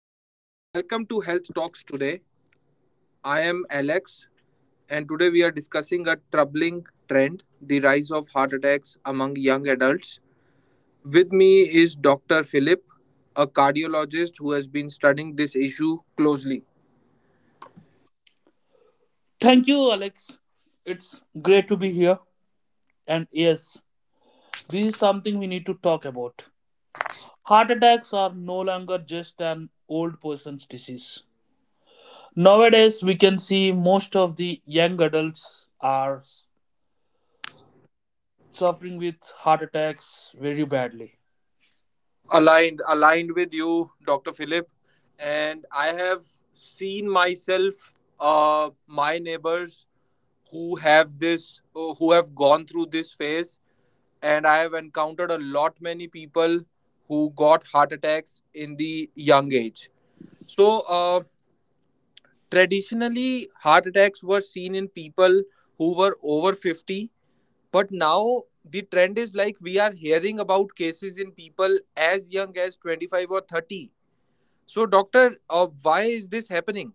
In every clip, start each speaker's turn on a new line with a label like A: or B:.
A: Uh, Welcome to Health Talks today. I am Alex, and today we are discussing a troubling trend, the rise of heart attacks among young adults. With me is Dr. Philip, a cardiologist who has been studying this issue closely.
B: Thank you, Alex. It's great to be here. And yes, this is something we need to talk about. Heart attacks are no longer just an old person's disease. Nowadays, we can see most of the young adults are suffering with heart attacks very badly.
A: Aligned with you, Dr. Philip, and I have seen myself, my neighbors who have this, who have gone through this phase, and I have encountered a lot many people who got heart attacks in the young age. So, traditionally, heart attacks were seen in people who were over 50, but now the trend is like we are hearing about cases in people as young as 25 or 30. So, doctor, why is this happening?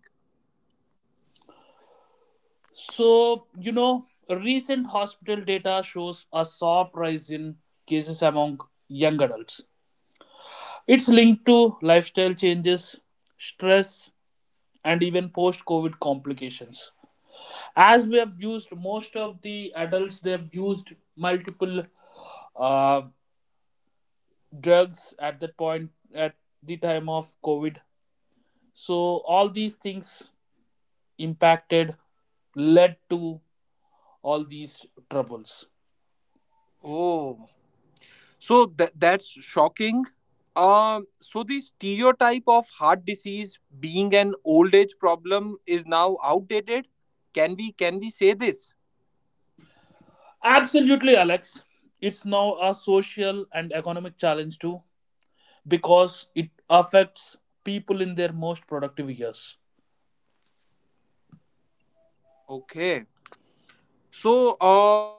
B: So, recent hospital data shows a sharp rise in cases among young adults. It's linked to lifestyle changes, stress, and even post COVID complications. As we have used most of the adults, they have used multiple uh, drugs at that point at the time of COVID. So all these things impacted led to all these troubles.
A: Oh. So that's shocking. So the stereotype of heart disease being an old age problem is now outdated. Can we say this?
B: Absolutely, Alex. It's now a social and economic challenge too, because it affects people in their most productive years.
A: Okay. So uh,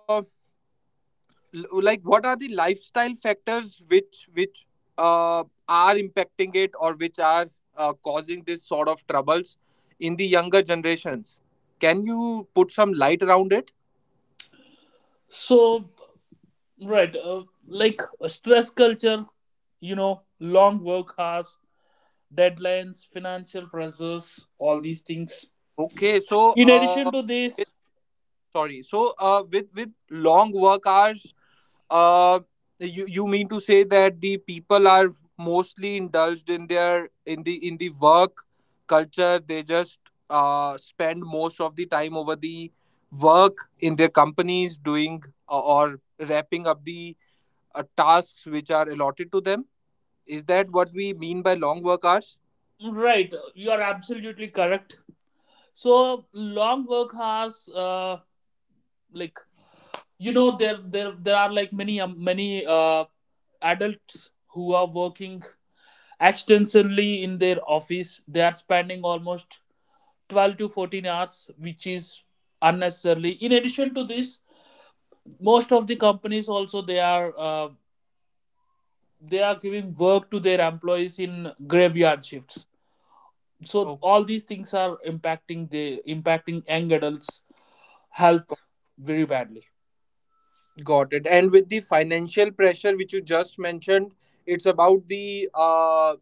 A: l- like what are the lifestyle factors which uh, are impacting it, or which are causing this sort of troubles in the younger generations? Can you put some light around it?
B: So, right. Like a stress culture, long work hours, deadlines, financial pressures, all these things.
A: Okay.
B: In addition to this,
A: Sorry. So, with long work hours, uh, you mean to say that the people are mostly indulged in their, in the work culture. They just spend most of the time over the work in their companies, doing, or wrapping up the tasks which are allotted to them. Is that what we mean by long work hours?
B: right, you are absolutely correct. So long work hours, like there are like many adults who are working extensively in their office. They are spending almost 12 to 14 hours, which is unnecessarily. In addition to this, most of the companies also, they are they are giving work to their employees in graveyard shifts, so
A: Oh.
B: all these things are impacting young adults
A: go-
B: health very badly.
A: got it. And with the financial pressure which you just mentioned, it's about the,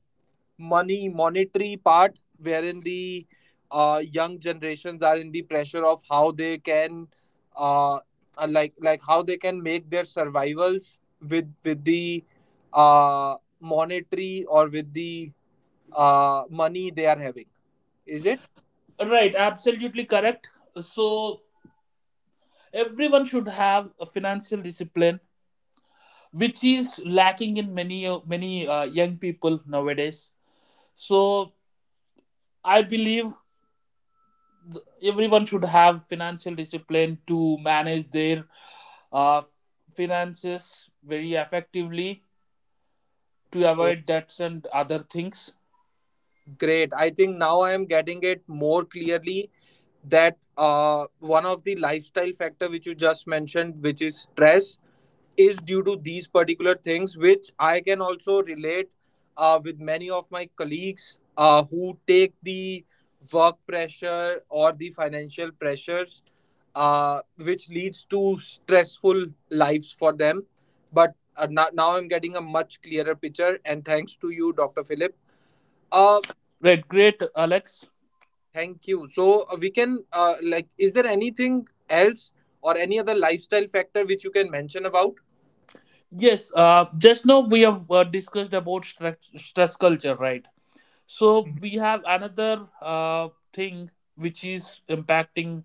A: money monetary part wherein the young generations are in the pressure of uh, how they can make their survivals with the, monetary, or with the money they are having, is it?
B: Right, absolutely correct. So everyone should have a financial discipline, which is lacking in many young people nowadays. So I believe everyone should have financial discipline to manage their uh, finances very effectively to
A: Oh,
B: avoid debts and other things.
A: great. I think now I am getting it more clearly, that one of the lifestyle factor which you just mentioned, which is stress, is due to these particular things, which I can also relate with many of my colleagues, who take the work pressure or the financial pressures, which leads to stressful lives for them. But now I'm getting a much clearer picture, and thanks to you, Dr. Philip. Uh,
B: Right, great, Alex.
A: Thank you. So, we can, like, is there anything else or any other lifestyle factor which you can mention about?
B: Yes, just now we have discussed about stress, stress culture, right? So we have another thing which is impacting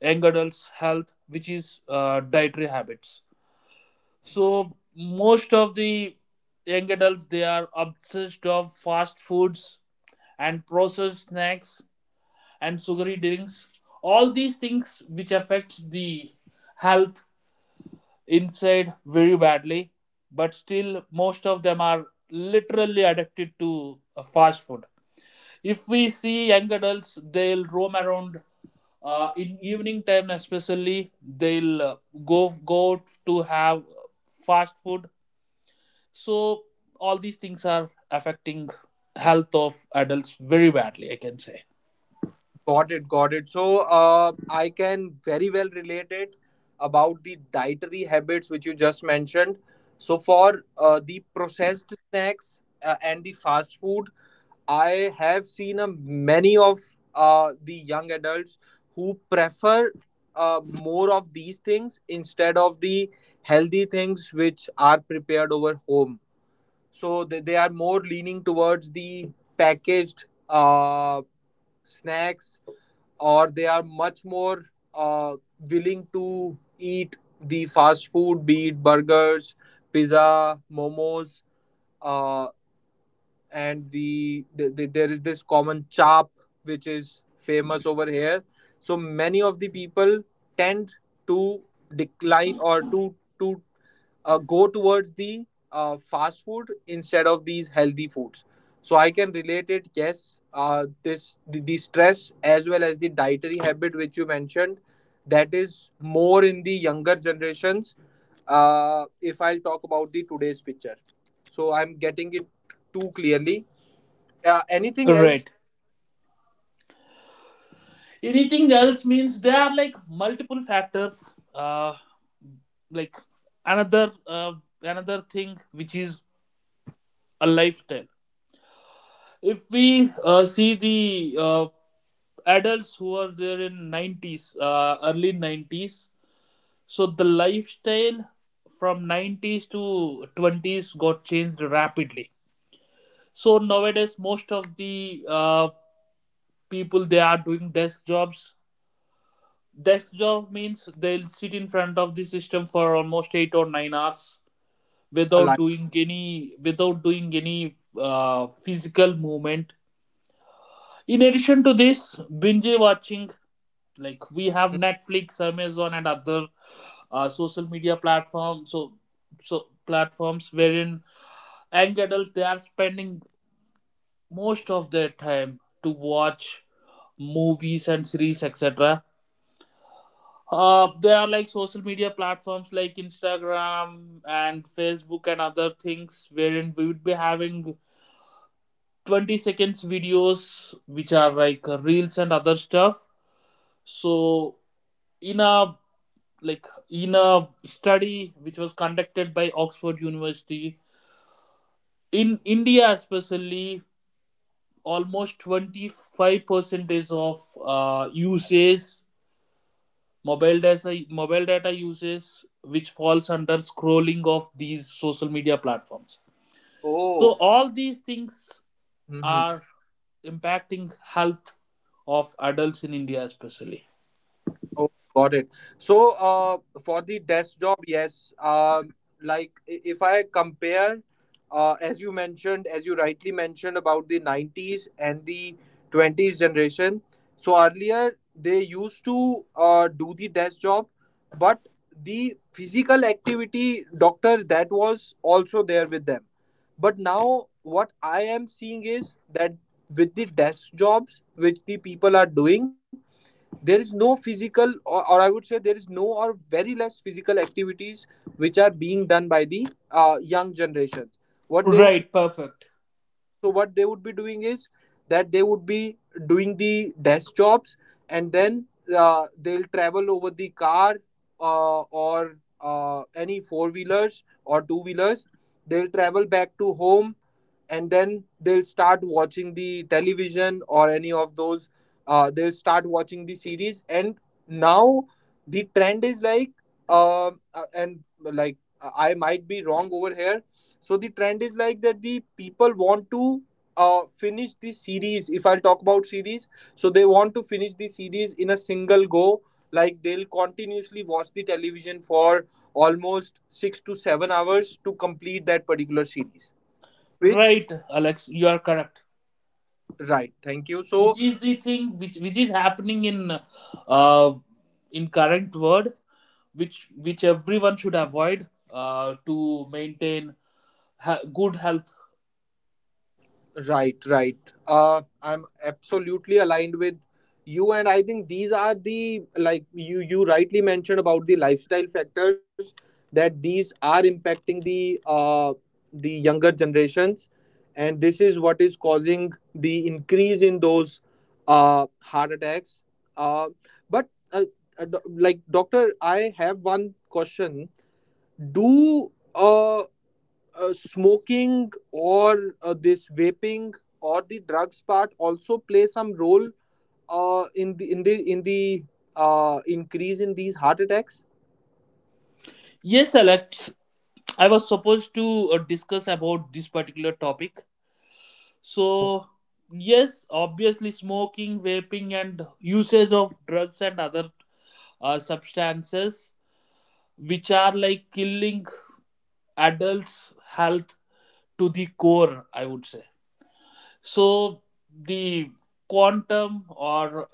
B: young adults' health, which is dietary habits. So most of the young adults, they are obsessed of fast foods and processed snacks and sugary drinks, all these things which affect the health inside very badly. But still most of them are literally addicted to fast food. If we see young adults, they'll roam around in evening time especially. They'll go to have fast food. So all these things are affecting health of adults very badly, I can say.
A: Got it, got it. So, I can very well relate it about the dietary habits which you just mentioned. So, for, the processed snacks, and the fast food, I have seen a many of the young adults who prefer, more of these things instead of the healthy things which are prepared over home. So, they are more leaning towards the packaged, snacks, or they are much more uh, willing to eat the fast food, be it burgers, pizza, momos, uh, and there is this common chop which is famous over here. So many of the people tend to decline or to go towards the fast food instead of these healthy foods. So I can relate it. Yes, the stress, as well as the dietary habit which you mentioned, that is more in the younger generations. If I'll talk about the today's picture, so I'm getting it too clearly. Anything else?
B: Right. Anything else means there are like multiple factors, like another uh, another thing which is a lifestyle. If we see the adults who are there in 90s, early 90s. So the lifestyle from 90s to 20s got changed rapidly. So nowadays most of the uh, people, they are doing desk jobs. Desk job means they'll sit in front of the system for almost 8 or 9 hours without
A: Alive.
B: doing any physical movement. In addition to this, binge watching, like we have Netflix, Amazon, and other social media platforms. So platforms wherein young adults, they are spending most of their time to watch movies and series, etc. There are like social media platforms like Instagram and Facebook and other things wherein we would be having 20 seconds videos which are like reels and other stuff. So in a in a study which was conducted by Oxford University, in India especially, almost 25 percentage of usage, mobile data uses which falls under scrolling of these social media platforms. So
A: Oh.
B: all these things are impacting health of adults in India especially.
A: Oh, got it. So, for the desk job, yes. Um, like, if I compare, as you mentioned, as you rightly mentioned, about the 90s and the 20s generation. So earlier they used to do the desk job, but the physical activity, doctor, that was also there with them. But now what I am seeing is that with the desk jobs which the people are doing, there is no physical, or I would say there is no, or very less, physical activities which are being done by the young generations. What they would—
B: Right, perfect.
A: So what they would be doing is that they would be doing the desk jobs, and then, they'll travel over the car, or any four wheelers or two wheelers. They'll travel back to home, and then they'll start watching the television or any of those. They'll start watching the series, and now the trend is like, and, like, I might be wrong over here, so the trend is like, that the people want to finish the series. If I'll talk about series, so they want to finish the series in a single go. Like they'll continuously watch the television for almost 6 to 7 hours to complete that particular series. Which
B: Right, Alex, you are correct,
A: Right, thank you.
B: which
A: So.
B: is the thing which is happening uh in current world, which everyone should avoid to maintain good health.
A: Right, right. I'm absolutely aligned with you, and I think these are the, like, you rightly mentioned about the lifestyle factors, that these are impacting the younger generations, and this is what is causing the increase in those heart attacks. Uh, but, like, doctor, I have one question. Do smoking, or this vaping, or the drugs part, also play some role in the increase in these heart attacks?
B: Yes, Alex. I was supposed to discuss about this particular topic. So, yes, obviously, smoking, vaping, and usage of drugs and other substances, which are like killing adults' health to the core, I would say. So, the quantum or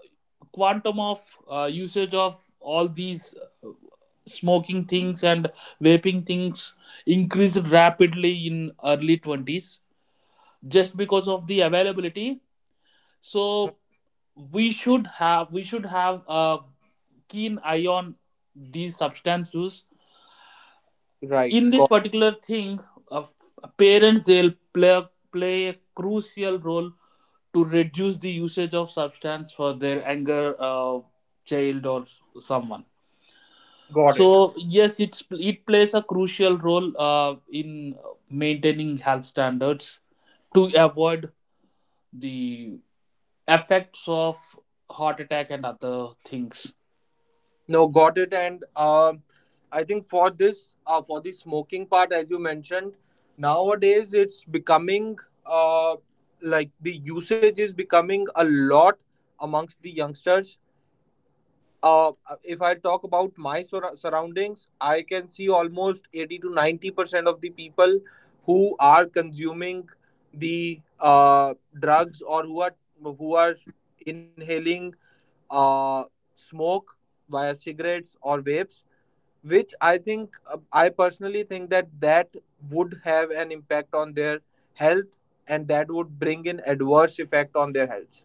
B: quantum of usage of all these uh, smoking things and vaping things increased rapidly in early 20s, just because of the availability. So we should have a keen eye on these substances.
A: Okay. Right.
B: In this particular thing of parents, they'll play a crucial role to reduce the usage of substance for their anger child or someone.
A: Got it.
B: So yes, it plays a crucial role in maintaining health standards to avoid the effects of heart attack and other things.
A: No, got it. And, I think, for this, for the smoking part, as you mentioned, nowadays it's becoming, uh, like, the usage is becoming a lot amongst the youngsters. uh, if I talk about my surroundings, I can see almost 80 to 90% of the people who are consuming the, drugs, or who are inhaling, uh, smoke, via cigarettes or vapes, which I think, I personally think, that would have an impact on their health, and that would bring an adverse effect on their health.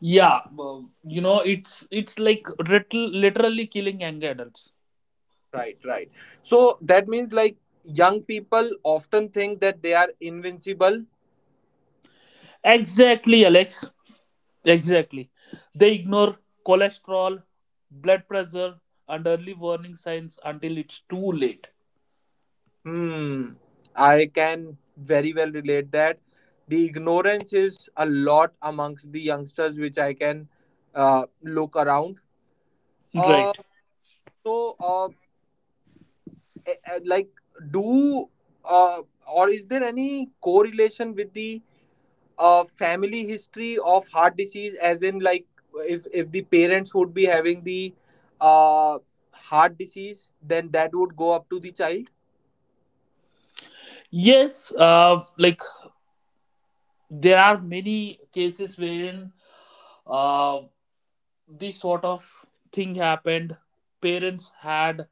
B: Yeah, well, it's like literally killing young adults.
A: Right, right. So that means, like, young people often think that they are invincible.
B: Exactly, Alex. Exactly. They ignore cholesterol, blood pressure, and early warning signs until it's too late.
A: Hmm. I can very well relate that. The ignorance is a lot amongst the youngsters, which I can, look around. Uh,
B: Right.
A: so, like, do uh, or is there any correlation with the a family history of heart disease, as in, like, if the parents would be having the uh heart disease, then that would go up to the child?
B: Yes, like there are many cases wherein uh, this sort of thing happened. Parents had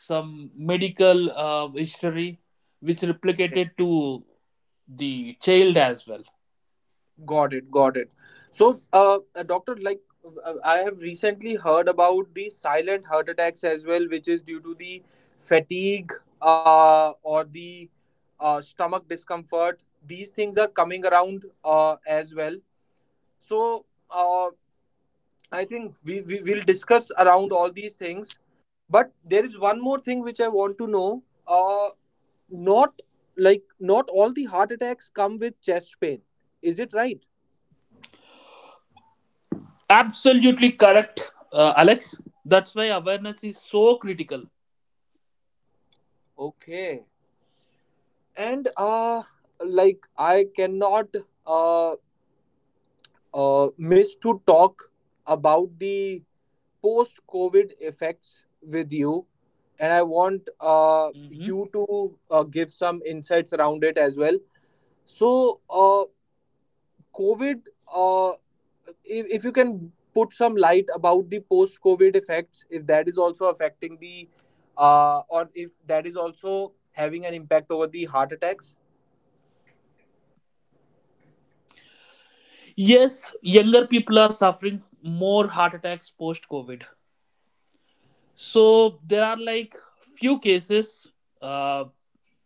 B: some medical history which
A: Okay.
B: replicated to the child as well.
A: Got it, got it. So, doctor, like, I have recently heard about the silent heart attacks as well, which is due to the fatigue, or the, stomach discomfort. These things are coming around, as well. So, uh, I think we will discuss around all these things. But there is one more thing which I want to know. Not, like, not all the heart attacks come with chest pain, is it right?
B: Absolutely correct, Alex. That's why awareness is so critical.
A: Okay. And, like, I cannot, uh, miss to talk about the post-COVID effects with you, and I want,
B: Mhm.
A: you to, give some insights around it as well. So, COVID, uh, if, you can put some light about the post covid effects, if that is also affecting the, or if that is also having an impact over the heart attacks.
B: Yes, younger people are suffering more heart attacks post COVID. So there are like few cases, uh,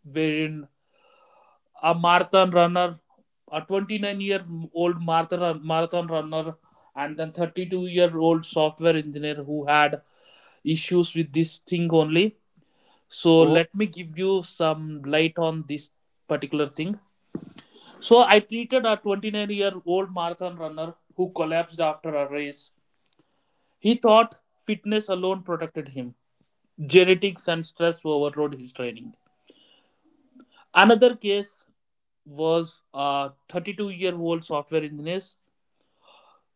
B: wherein a marathon runner, a 29-year-old marathon runner, and then 32-year-old software engineer who had issues with this thing only. So
A: Oh.
B: let me give you some light on this particular thing. So I treated a 29-year-old marathon runner who collapsed after a race. He thought fitness alone protected him. Genetics and stress overrode his training. Another case was a 32-year-old software engineer.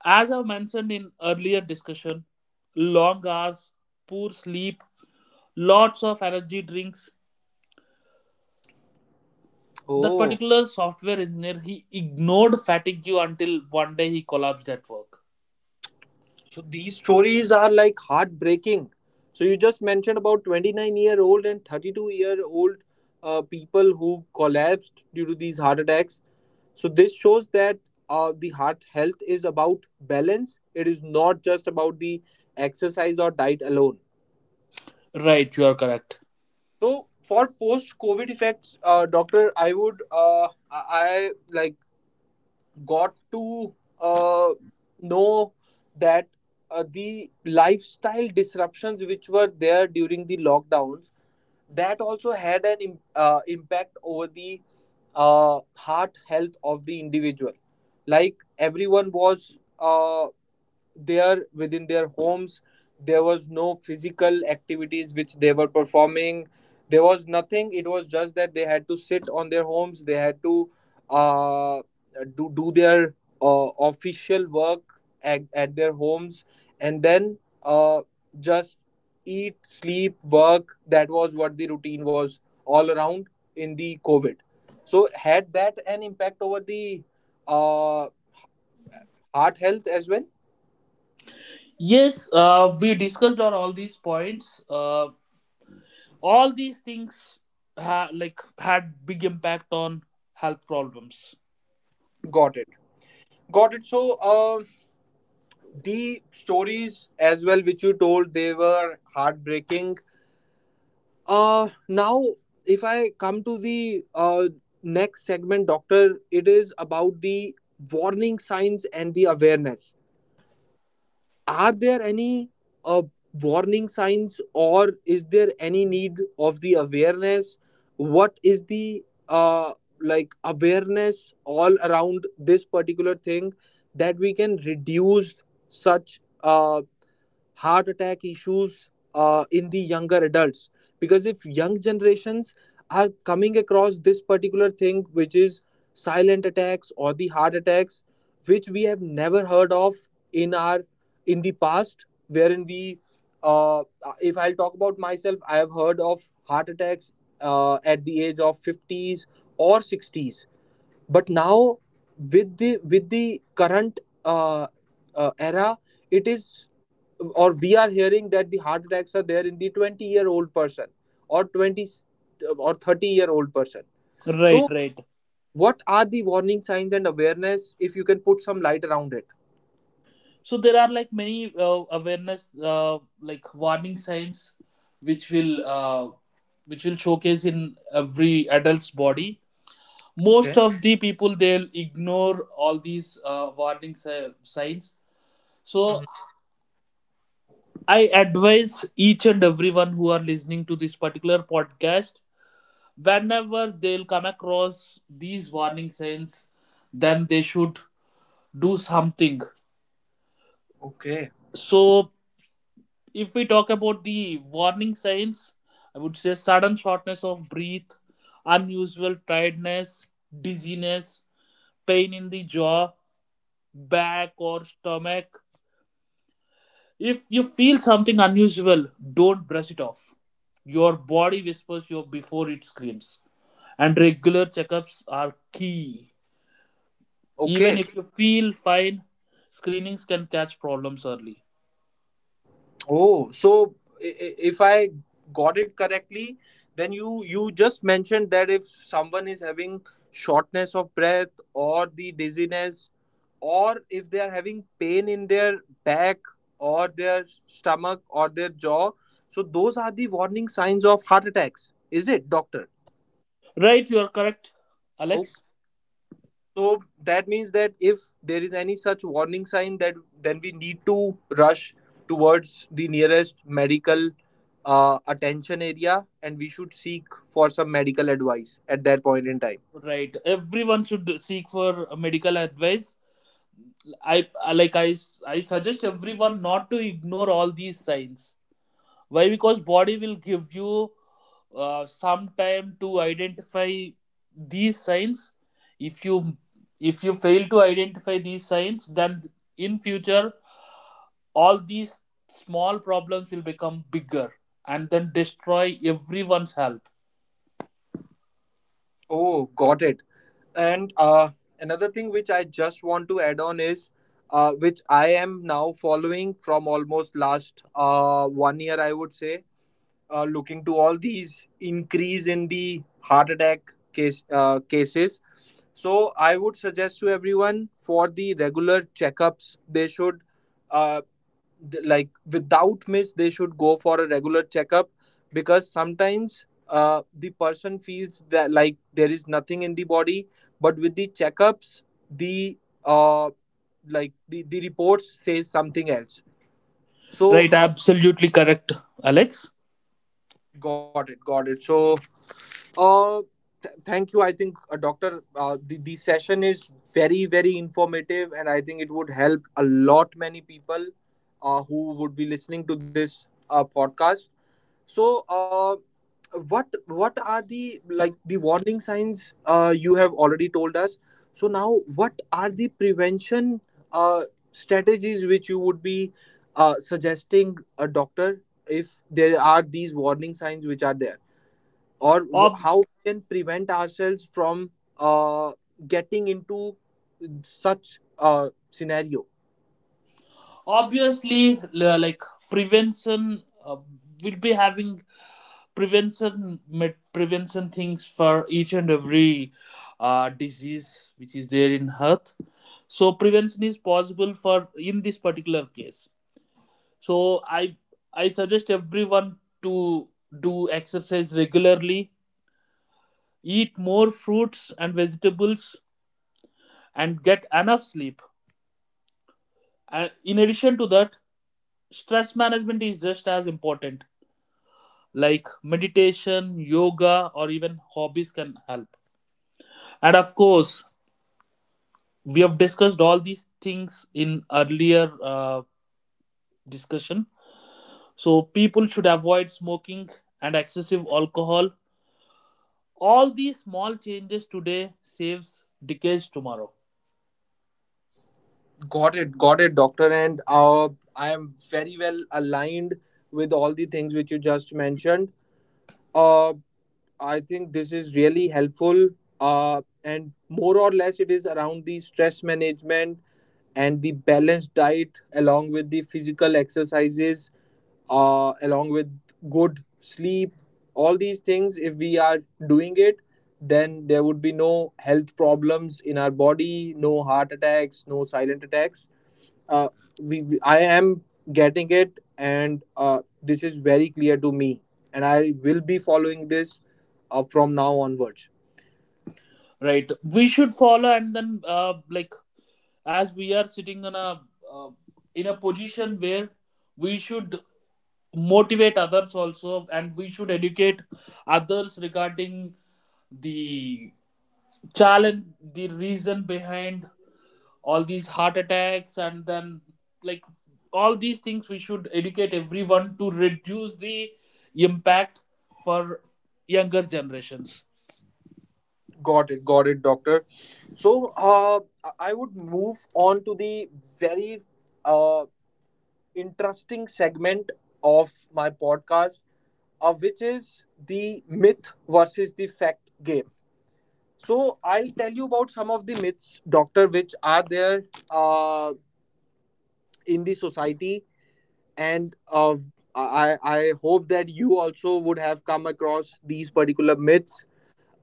B: As I mentioned in earlier discussion, long hours, poor sleep, lots of energy drinks. That
A: Oh.
B: particular software engineer, he ignored fatigue until one day he collapsed at work.
A: So these stories are like heartbreaking. So you just mentioned about 29-year-old and 32-year-old people who collapsed due to these heart attacks. So this shows that, the heart health is about balance, it is not just about the exercise or diet alone.
B: Right, you are correct.
A: So for post-COVID effects, doctor, I would, I, like, got to uh, know, that the lifestyle disruptions which were there during the lockdowns, that also had an impact over the heart health of the individual. Like everyone was, they are within their homes, there was no physical activities which they were performing, there was nothing, it was just that they had to sit on their homes, they had to uh, do their official work at their homes, and then, uh, just eat, sleep, work, that was what the routine was all around in the covid. So had that an impact over the uh, heart health as well?
B: Yes, we discussed on all these points, all these things like had big impact on health problems.
A: Got it. Got it. So, the stories as well which you told, they were heartbreaking. Now, if I come to the, next segment, doctor, it is about the warning signs and the awareness. Are there any uh, warning signs, or is there any need of the awareness, what is the like awareness all around this particular thing that we can reduce such heart attack issues in the younger adults? Because if young generations are coming across this particular thing, which is silent attacks or the heart attacks which we have never heard of in our in the past, wherein we uh, if I'll talk about myself, I have heard of heart attacks at the age of 50s or 60s, but now with the current era, it is, or we are hearing that the heart attacks are there in the 20-year-old year old person or 20 or 30-year-old year old person.
B: Right,
A: So
B: right.
A: what are the warning signs and awareness, if you can put some light around it?
B: So there are like many awareness, like warning signs which will showcase in every adult's body. Most
A: Okay.
B: of the people, they'll ignore all these signs. So
A: Mhm.
B: I advise each and everyone who are listening to this particular podcast, whenever they'll come across these warning signs, then they should do something.
A: Okay.
B: So if we talk about the warning signs, I would say sudden shortness of breath, unusual tiredness, dizziness, pain in the jaw, back, or stomach. If you feel something unusual, don't brush it off. Your body whispers you before it screams. And regular checkups are key. Even
A: Okay.
B: if you feel fine, screenings can catch problems early.
A: Oh, so if I got it correctly, then you just mentioned that if someone is having shortness of breath or the dizziness, or if they are having pain in their back or their stomach or their jaw, so those are the warning signs of heart attacks. Is it, doctor?
B: Right, you are correct, Alex.
A: So that means that if there is any such warning sign, that then we need to rush towards the nearest medical attention area, and we should seek for some medical advice at that point in time.
B: Right, everyone should seek for medical advice. I I- like I I suggest everyone not to ignore all these signs. Why? Because body will give you some time to identify these signs. If you fail to identify these signs, then in future, all these small problems will become bigger and then destroy everyone's health.
A: Oh, got it. And another thing which I just want to add on is which I am now following from almost last 1 year, I would say, looking to all these increase in the heart attack cases. So I would suggest to everyone, for the regular checkups they should uh, like without miss they should go for a regular checkup, because sometimes the person feels that like there is nothing in the body, but with the checkups the uh, like the reports says something else. So
B: Right, absolutely correct, Alex.
A: got it, got it. So Uh, thank you. I think, Doctor, the session is very, very informative, and I think it would help a lot many people who would be listening to this podcast. So, what are the like the warning signs you have already told us? So now, what are the prevention uh, strategies which you would be suggesting, a doctor, if there are these warning signs which are there? Or
B: Ob-
A: how we can prevent ourselves from uh, getting into such scenario?
B: Obviously, like prevention, uh, will be having prevention things for each and every disease which is there in health. So prevention is possible for in this particular case. So i I suggest everyone to do exercise regularly, eat more fruits and vegetables, and get enough sleep. And in addition to that, stress management is just as important, like meditation, yoga, or even hobbies can help. And of course, we have discussed all these things in earlier discussion. So people should avoid smoking and excessive alcohol. All these small changes today saves decades tomorrow.
A: Got it, got it, doctor. And I am very well aligned with all the things which you just mentioned. uh, I think this is really helpful, and more or less it is around the stress management and the balanced diet along with the physical exercises, along with good sleep. All these things, if we are doing it, then there would be no health problems in our body, no heart attacks, no silent attacks. uh, I am getting it, and this is very clear to me, and I will be following this from now onwards.
B: Right, we should follow. And then like, as we are sitting in uh, a position where we should motivate others also, and we should educate others regarding the challenge, the reason behind all these heart attacks, and then, like, all these things we should educate everyone to reduce the impact for younger generations.
A: Got it, got it, doctor. So I would move on to the very uh, interesting segment of my podcast, which is the myth versus the fact game. So I'll tell you about some of the myths, doctor, which are there uh, in the society, and I hope that you also would have come across these particular myths.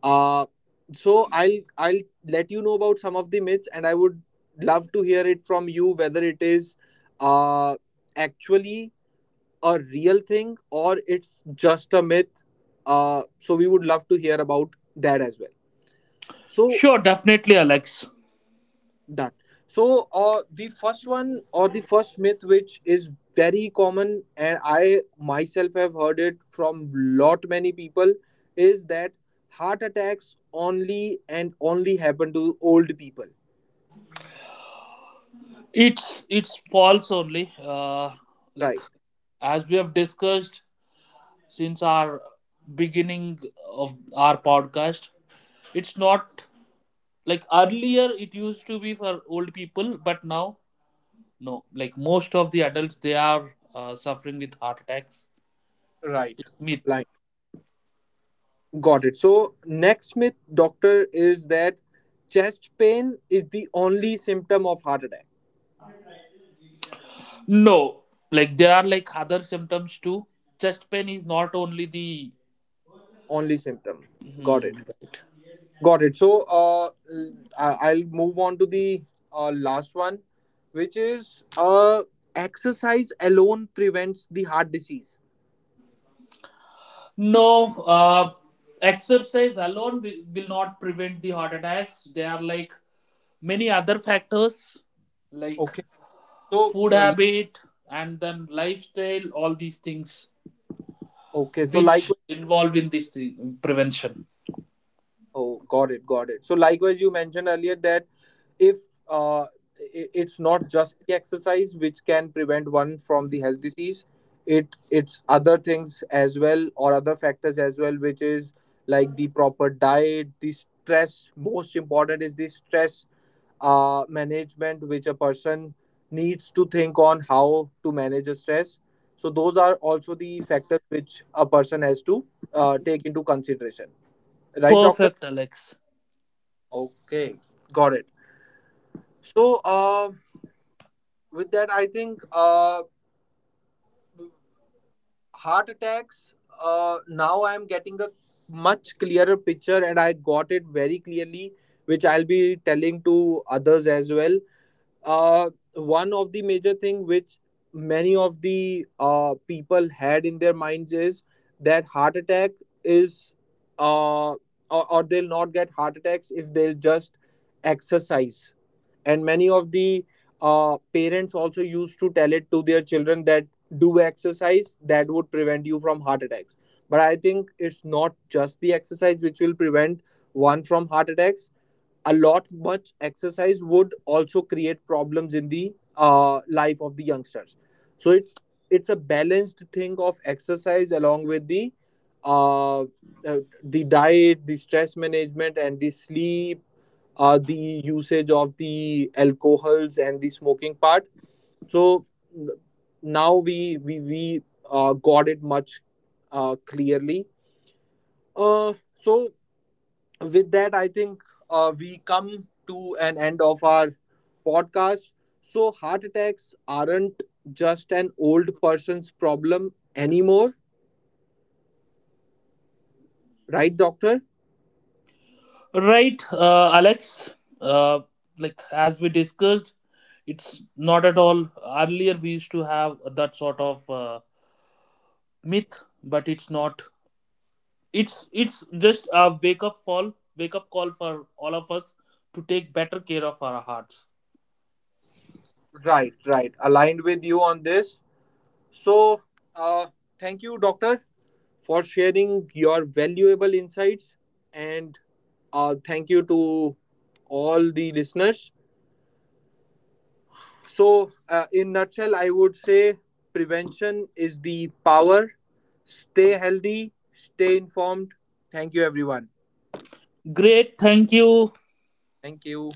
A: Uh, so I'll let you know about some of the myths, and I would love to hear it from you whether it is uh, actually a real thing or it's just a myth. So we would love to hear about that as well. So
B: Sure, definitely, Alex.
A: done. So the first one, or the first myth, which is very common and I myself have heard it from lot many people, is that heart attacks only and only happen to old people.
B: It's false only, like
A: Right.
B: as we have discussed since our beginning of our podcast. It's not like earlier it used to be for old people, but now no, like most of the adults they are suffering with heart attacks.
A: Right.
B: It's myth.
A: Right. Got it. So next myth, doctor, is that chest pain is the only symptom of heart attack.
B: No, like there are like other symptoms too. Chest pain is not only the.
A: Only symptom. Got
B: Hmm,
A: it,
B: right.
A: got it. So I'll move on to the last one, which is exercise alone prevents the heart disease.
B: No, exercise alone will not prevent the heart attacks. There are like many other factors like
A: Okay. So
B: food habit and then lifestyle, all these things
A: okay, so
B: which
A: likewise.
B: involve in this thing, prevention.
A: Oh, got it, got it. So likewise, you mentioned earlier that if uh, it's not just the exercise which can prevent one from the health disease, it it's other things as well, or other factors as well, which is like the proper diet, the stress, most important is the stress management, which a person needs to think on how to manage a stress. So those are also the factors which a person has to take into consideration, right, doctor?
B: Perfect, Alex.
A: Okay, got it. So with that, I think heart attacks, now I am getting a much clearer picture, and I got it very clearly, which I'll be telling to others as well. uh, One of the major thing which many of the people had in their minds is that heart attack is uh, or they'll not get heart attacks if they'll just exercise. And many of the parents also used to tell it to their children that do exercise, that would prevent you from heart attacks. But I think it's not just the exercise which will prevent one from heart attacks. A lot much exercise would also create problems in the life of the youngsters. So it's a balanced thing of exercise along with the diet, the stress management, and the sleep, the usage of the alcohols and the smoking part. So n- now we got it much clearly. Uh, so with that, I think we come to an end of our podcast. So heart attacks aren't just an old person's problem anymore, right, doctor?
B: Right, Alex. Uh, like as we discussed, it's not at all. Earlier, we used to have that sort of myth, but it's not. It's just a wake up call for all of us to take better care of our hearts.
A: Right, right. Aligned with you on this. So, uh, thank you, doctor, for sharing your valuable insights, and thank you to all the listeners. So, in nutshell, I would say prevention is the power. Stay healthy, stay informed. Thank you, everyone.
B: Great, thank you
A: Thank you.